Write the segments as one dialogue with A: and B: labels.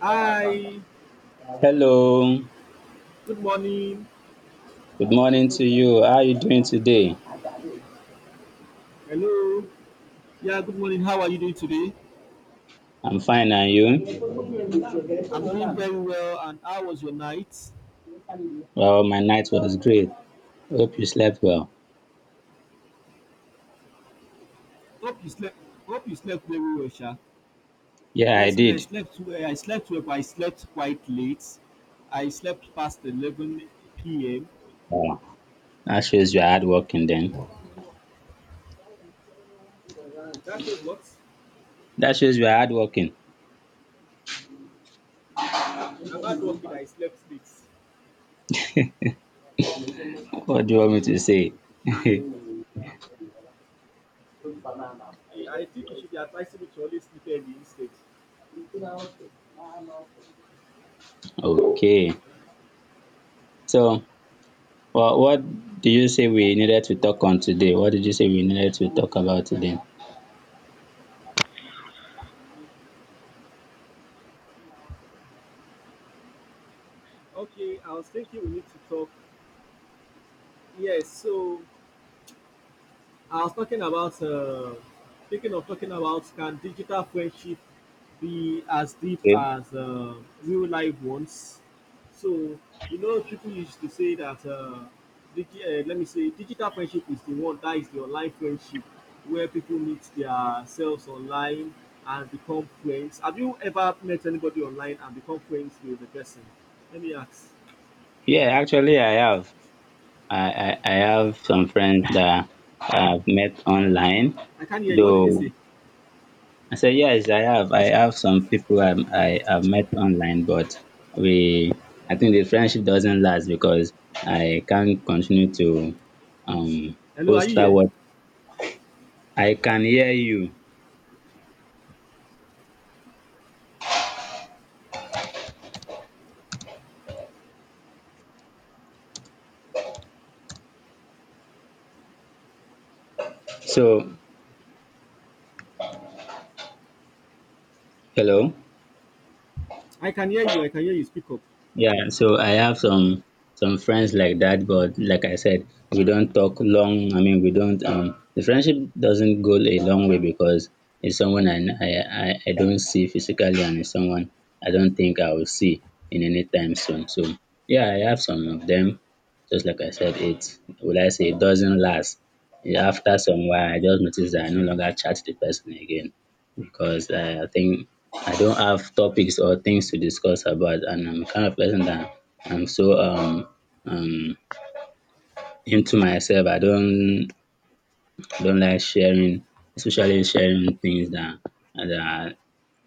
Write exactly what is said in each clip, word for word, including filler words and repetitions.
A: Hi,
B: Hello,
A: good morning.
B: good morning to you. How are you doing today?
A: Hello. Yeah, good morning. How are you doing today?
B: I'm fine, and you?
A: I'm doing very well. And how was your night?
B: Well, my night was great. Hope you slept well.
A: Hope you slept. Hope you slept very well, Sha.
B: Yeah, I
A: Yes, me. I
B: did.
A: slept. Well. I slept well, but I slept quite late. I slept past eleven p m.
B: Wow. That shows you are hardworking then.
A: That shows what?
B: That shows you are hardworking.
A: I'm hard working. I slept late.
B: What do you want me to say?
A: Eh, I think you should be advisable to always sleep early instead.
B: Okay. So, well, what do you say we needed to talk on today? What did you say we needed to talk about today?
A: Okay, I was thinking we need to talk. Yes, so I was talking about uh, thinking of talking about, can digital friendship be as deep
B: Okay.
A: as uh, real life ones? So you know, people used to say that uh, digi- uh, let me say digital friendship is the one that is the online friendship, where people meet their selves online and become friends. Have you ever met anybody online and become friends with the person? Let me ask.
B: Yeah, actually, I have. I, I, I have some friends that I've met online,
A: I can't hear you. What did you
B: though
A: say?
B: I said, yes, I have. I have some people I, I have met online, but we, I think the friendship doesn't last because I can't continue to um,
A: Hello, are
B: post
A: you
B: that
A: here?
B: what I can hear you. So, hello.
A: I can hear you. I can hear you. Speak up.
B: Yeah, so I have some some friends like that, but like I said, we don't talk long. I mean, we don't. Um, the friendship doesn't go a long way because it's someone I, I I I don't see physically, and it's someone I don't think I will see in any time soon. So yeah, I have some of them. Just like I said, it will I say it doesn't last. After some while, I just notice that I no longer chat the person again because I think I don't have topics or things to discuss about, and I'm the kind of person that I'm so um um into myself. I don't I don't like sharing, especially sharing things that that are,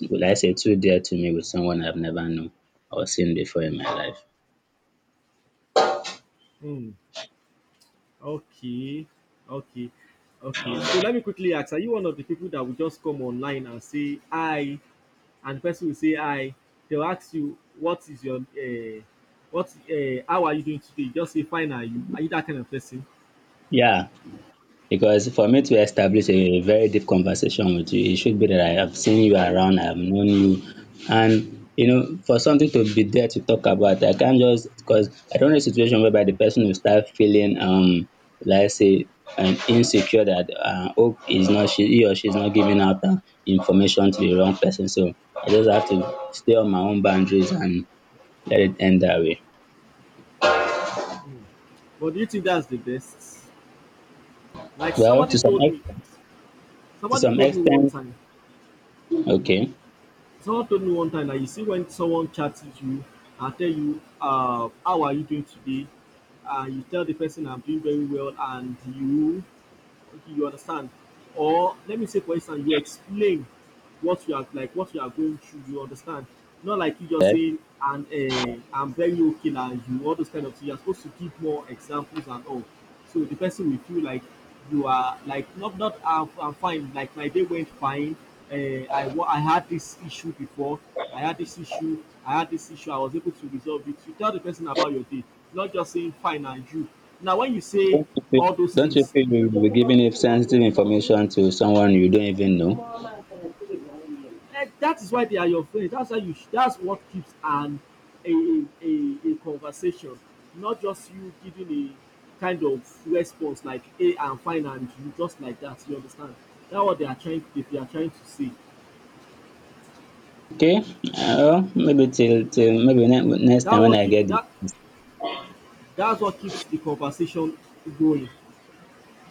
B: would I say too dear to me with someone I've never known or seen before in my life.
A: Hmm. Okay, okay, okay. So let me quickly ask: are you one of the people that will just come online and say "hi," and the person will say "hi"? They'll ask you, "What is your uh, what? Uh, how are you doing today?" You just say, "Fine, are you?" Are you that kind of person?
B: Yeah. Because for me to establish a very deep conversation with you, it should be that I have seen you around, I have known you. And, you know, for something to be there to talk about, I can't just, because I don't know a situation whereby the person will start feeling, um, let's say, um, insecure that uh, hope is not, she, he or she's not giving out uh, information to the wrong person. So I just have to stay on my own boundaries and let it end that way.
A: Mm. But do you think that's the best? Like
B: Well,
A: somebody
B: to some
A: told me,
B: extent, to
A: somebody
B: some
A: told me one
B: extent,
A: time.
B: okay.
A: Someone told me one time that you see when someone chats with you and tell you, uh, "How are you doing today?" and you tell the person, "I'm doing very well," and you okay, you understand, or let me say for instance you explain what you are like, what you are going through, you understand, not like you just saying and uh, I'm very okay now, you, all those kind of things you're supposed to give more examples and all, so the person will feel like you are like not not i'm, I'm fine, like my day went fine, uh, i wa- I had this issue before, I had this issue i had this issue, I was able to resolve it. You tell the person about your day, not just saying fine and you now when you say
B: Don't you feel
A: all those
B: don't you
A: things.
B: feel you will be giving if sensitive information to someone you don't even know?
A: And that is why they are your friends. That's why you. Sh- that's what keeps an a, a a a conversation, not just you giving a kind of response like, "Hey, I'm fine," and you just like that. You understand? That's what they are trying. They are trying to say.
B: Okay, uh, well, maybe till till maybe ne- next
A: That
B: time when
A: what
B: I
A: keep
B: get it.
A: that. That's what keeps the conversation going.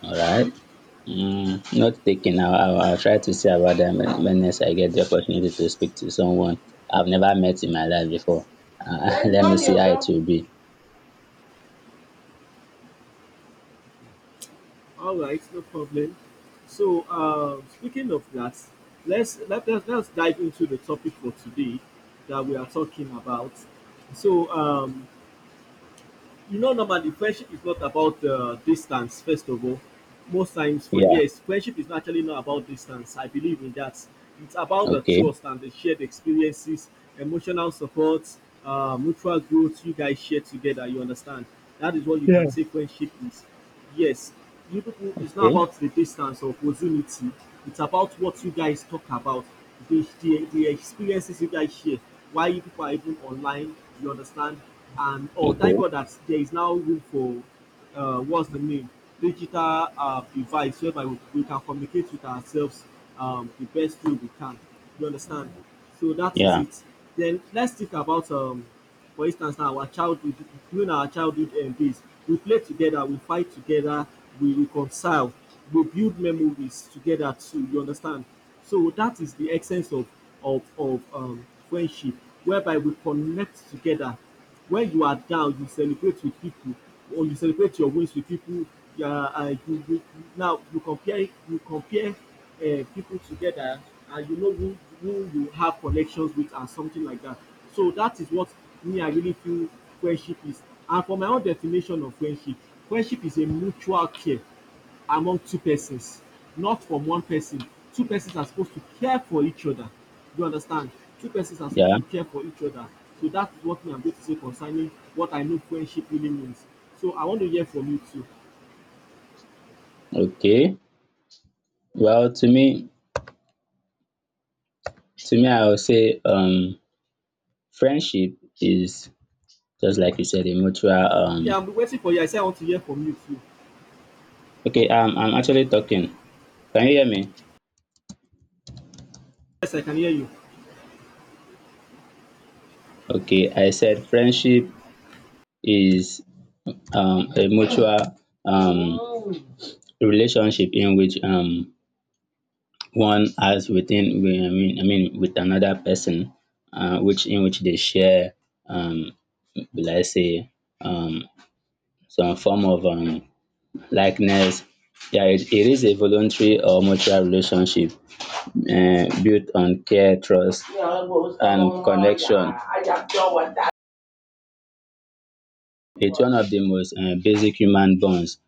B: All right. Mm, not taken. I'll, I'll, I'll try to see about that when when next I get the opportunity to speak to someone I've never met in my life before. Uh, let me see how it will be.
A: All right, no problem. So, um, speaking of that, let's let, let's let's dive into the topic for today that we are talking about. So, um, you know, normally friendship is not about uh, distance, first of all. Most times, for
B: Yeah.
A: yes, friendship is actually not about distance. I believe in that. It's about the
B: Okay.
A: trust and the shared experiences, emotional support, uh, mutual growth you guys share together. You understand? That is what you
B: Yeah.
A: can say friendship is. Yes, you people, it's not
B: Okay.
A: about the distance of proximity. It's about what you guys talk about, the, the, the experiences you guys share, why you people are even online, you understand? And oh, thank
B: Okay.
A: God that there is now room for uh, what's the name? Digital uh, device whereby we, we can communicate with ourselves um, the best way we can. You understand? So that is
B: Yeah.
A: it. Then let's think about, um for instance now, our childhood, during our childhood um, days, we play together, we fight together, we reconcile, we build memories together too, you understand. So that is the essence of of of um friendship, whereby we connect together. When you are down, you celebrate with people, or you celebrate your wins with people. You are uh, you, you now you compare, you compare um people together, and you know who who you have connections with and something like that. So that is what me I really feel friendship is. And for my own definition of friendship, friendship is a mutual care among two persons, not from one person. Two persons are supposed to care for each other. You understand? Two persons are supposed
B: Yeah.
A: to care for each other. So that is what me I'm going to say concerning what I know friendship really means. So I want to hear from you too.
B: Okay. Well, to me, to me, I would say um, friendship is just like you said, a mutual
A: Yeah,
B: um
A: I'm waiting for you. I say I want to hear from you too.
B: okay, um I'm actually talking. Can you hear me?
A: Yes, I can hear you.
B: Okay, I said friendship is um a mutual um relationship in which um one has within we- I mean I mean with another person uh which in which they share um will I say um some form of um likeness. Yeah, it, it is a voluntary or mutual relationship eh, built on care, trust, and connection. It's one of the most eh, basic human bonds,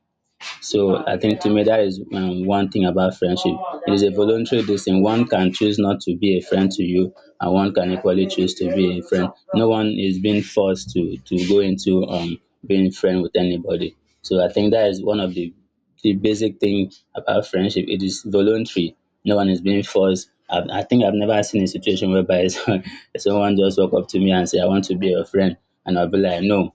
B: so I think to me that is um, one thing about friendship. It is a voluntary decision. One can choose not to be a friend to you, and one can equally choose to be a friend. No one is being forced to to go into um being friend with anybody. So I think that is one of the the basic thing about friendship. It is voluntary. No one is being forced. I, I think I've never seen a situation whereby someone just walk up to me and say, "I want to be your friend," and I'll be like, "No."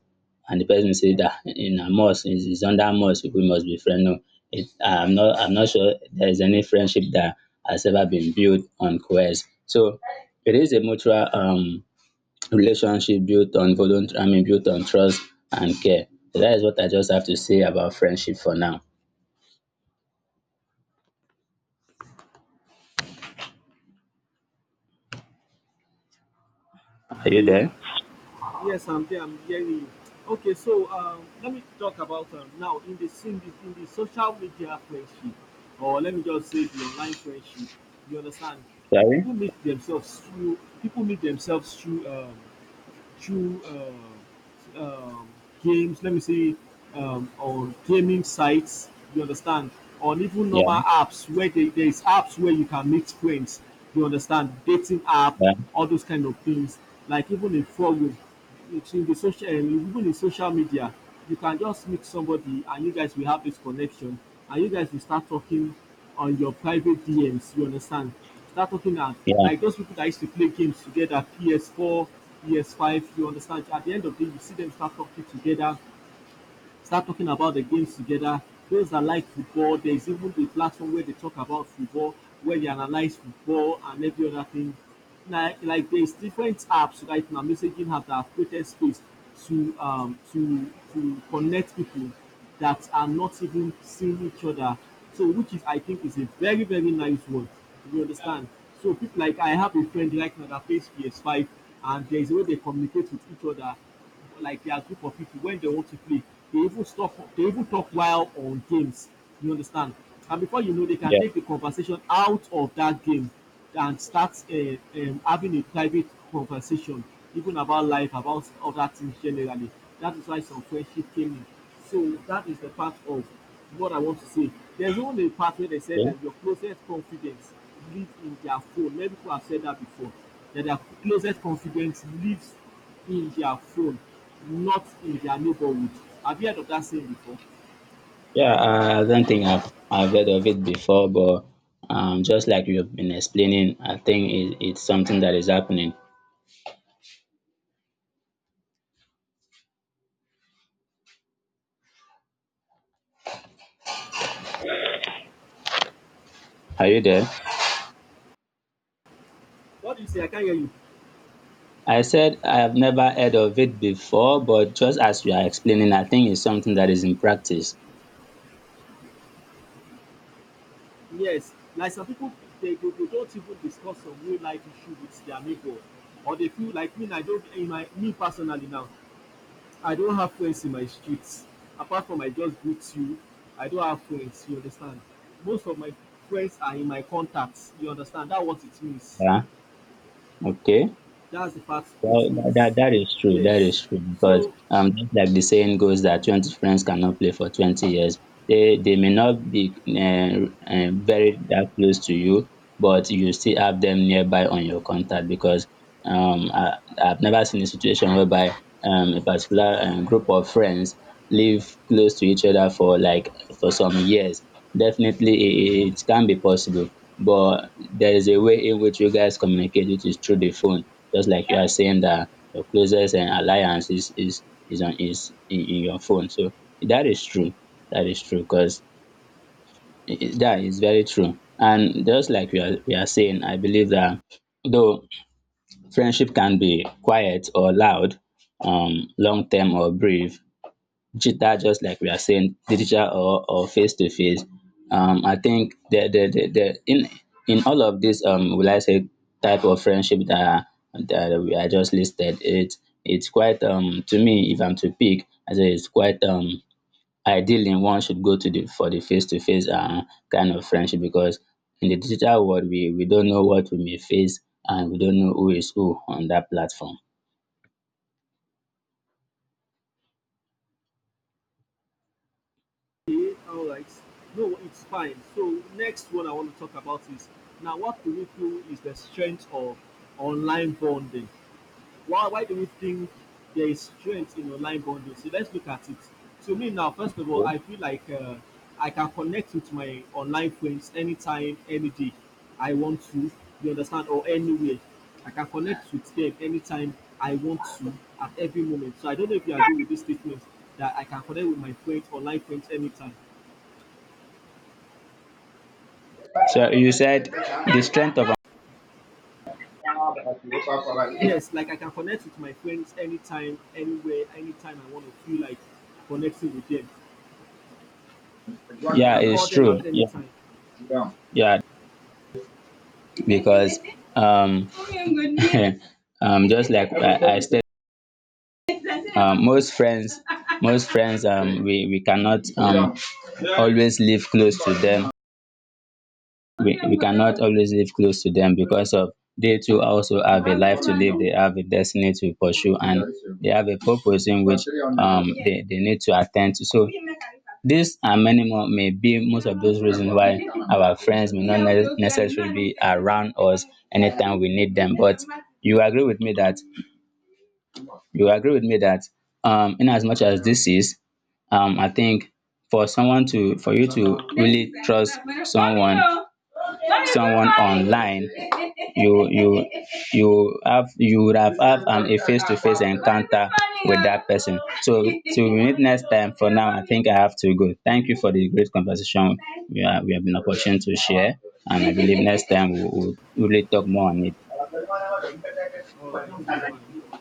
B: And the person say that in a must, it's it's under must we must be friends. No, it, I'm not I'm not sure there is any friendship that has ever been built on coerce. So it is a mutual um relationship built on voluntary, I mean built on trust and care. So that is what I just have to say about friendship for now. Are you
A: Okay.
B: there?
A: Yes, I'm there. I'm hearing you. Okay, so um, let me talk about um, now in the in the, in the social media friendship, or let me just say the online friendship. You understand?
B: Sorry?
A: People meet themselves through people meet themselves through um, through uh, um, games, let me say, um, on gaming sites, you understand, on even
B: Yeah,
A: normal apps where they, there's apps where you can meet friends, you understand, dating app,
B: yeah,
A: all those kind of things. Like even in forum, it's in the social, eh, even in social media, you can just meet somebody and you guys will have this connection and you guys will start talking on your private D Ms. You understand? Start talking at
B: yeah,
A: like those people that used to play games together, P S four, P S five. You understand? At the end of the day, you see them start talking together, start talking about the games together. Those that like football, there's even the platform where they talk about football, where they analyze football and every other thing. Like, like there's different apps right now, messaging apps that created space to um to to connect people that are not even seeing each other. So which is I think is a very, very nice one. You understand? So people, like I have a friend right now that plays P S five, and there's a way they communicate with each other, like their group of people when they want to play. They even stop. They even talk while on games. You understand? And before you know, they can
B: yeah,
A: take the conversation out of that game and start uh, um, having a private conversation, even about life, about other things generally. That is why some friendship came in. So that is the part of what I want to say. There's only a part where they said
B: yeah.
A: that your closest confidence lives in their phone. Many people have said that before. That their closest confidence lives in their phone, not in their neighborhood. Have you heard of that saying before?
B: Yeah, I I don't think I've I've heard of it before, but um, just like you've been explaining, I think it, it's something that is happening. Are you there?
A: What do you say? I can't hear you.
B: I said I have never heard of it before, but just as you are explaining, I think it's something that is in practice.
A: Yes, like some people, they, they, they don't even discuss some real life issue with their neighbor, or they feel like me. I don't. In my me personally now, I don't have friends in my streets. Apart from I just greet you, I don't have friends. You understand? Most of my friends are in my contacts. You understand? That's what it means.
B: Yeah. Okay.
A: That's the part
B: Well,
A: it
B: tha-
A: means.
B: that that is true. That is
A: Yes.
B: true because
A: So
B: um, just like the saying goes that twenty friends cannot play for twenty years. They they may not be uh, uh, very that close to you, but you still have them nearby on your contact because um, I, I've never seen a situation whereby um, a particular um, group of friends live close to each other for like for some years. Definitely, it, it can be possible, but there is a way in which you guys communicate, which is through the phone, just like you are saying that your closest and alliance is is is on is in, in your phone. So that is true. That is true because that is very true. And just like we are we are saying, I believe that though friendship can be quiet or loud, um, long term or brief, digital, just like we are saying, digital or or face to face. Um, I think the the the, the in in all of this um will I say type of friendship that that we are just listed, it it's quite um to me, if I'm to pick, I say it's quite um ideal ideally one should go to the for the face to face um kind of friendship because in the digital world we we don't know what we may face, and we don't know who is who on that platform.
A: all right. No, it's fine. So next one I want to talk about is now what do we feel is the strength of online bonding? Why why do we think there is strength in online bonding? So let's look at it. To me now, first of all, I feel like uh, I can connect with my online friends anytime, any day I want to. You understand? Or anywhere. I can connect with them anytime I want to, at every moment. So I don't know if you agree with this statement that I can connect with my friends, online friends, anytime.
B: So you said the strength of
A: Yes, like I can connect with my friends anytime, anywhere, anytime I want to, feel like connecting with them. I
B: yeah,
A: can call
B: it's
A: them
B: true.
A: at any time.
B: Yeah, because um, um, just like I, I said, um, most friends, most friends, um, we, we cannot um, always live close to them, we, we cannot always live close to them because of they too also have a life to live, they have a destiny to pursue, and they have a purpose in which um they, they need to attend to. So these and many more may be most of those reasons why our friends may not ne- necessarily be around us anytime we need them, but you agree with me that you agree with me that um in as much as this is um I think for someone to for you to really trust someone, someone online, you you you have you would have have um, a face to face encounter with that person. So till we meet next time. For now, I think I have to go. Thank you for the great conversation. We are, we have been opportunity to share, and I believe next time we will really talk more on it.
A: All right, it's fine.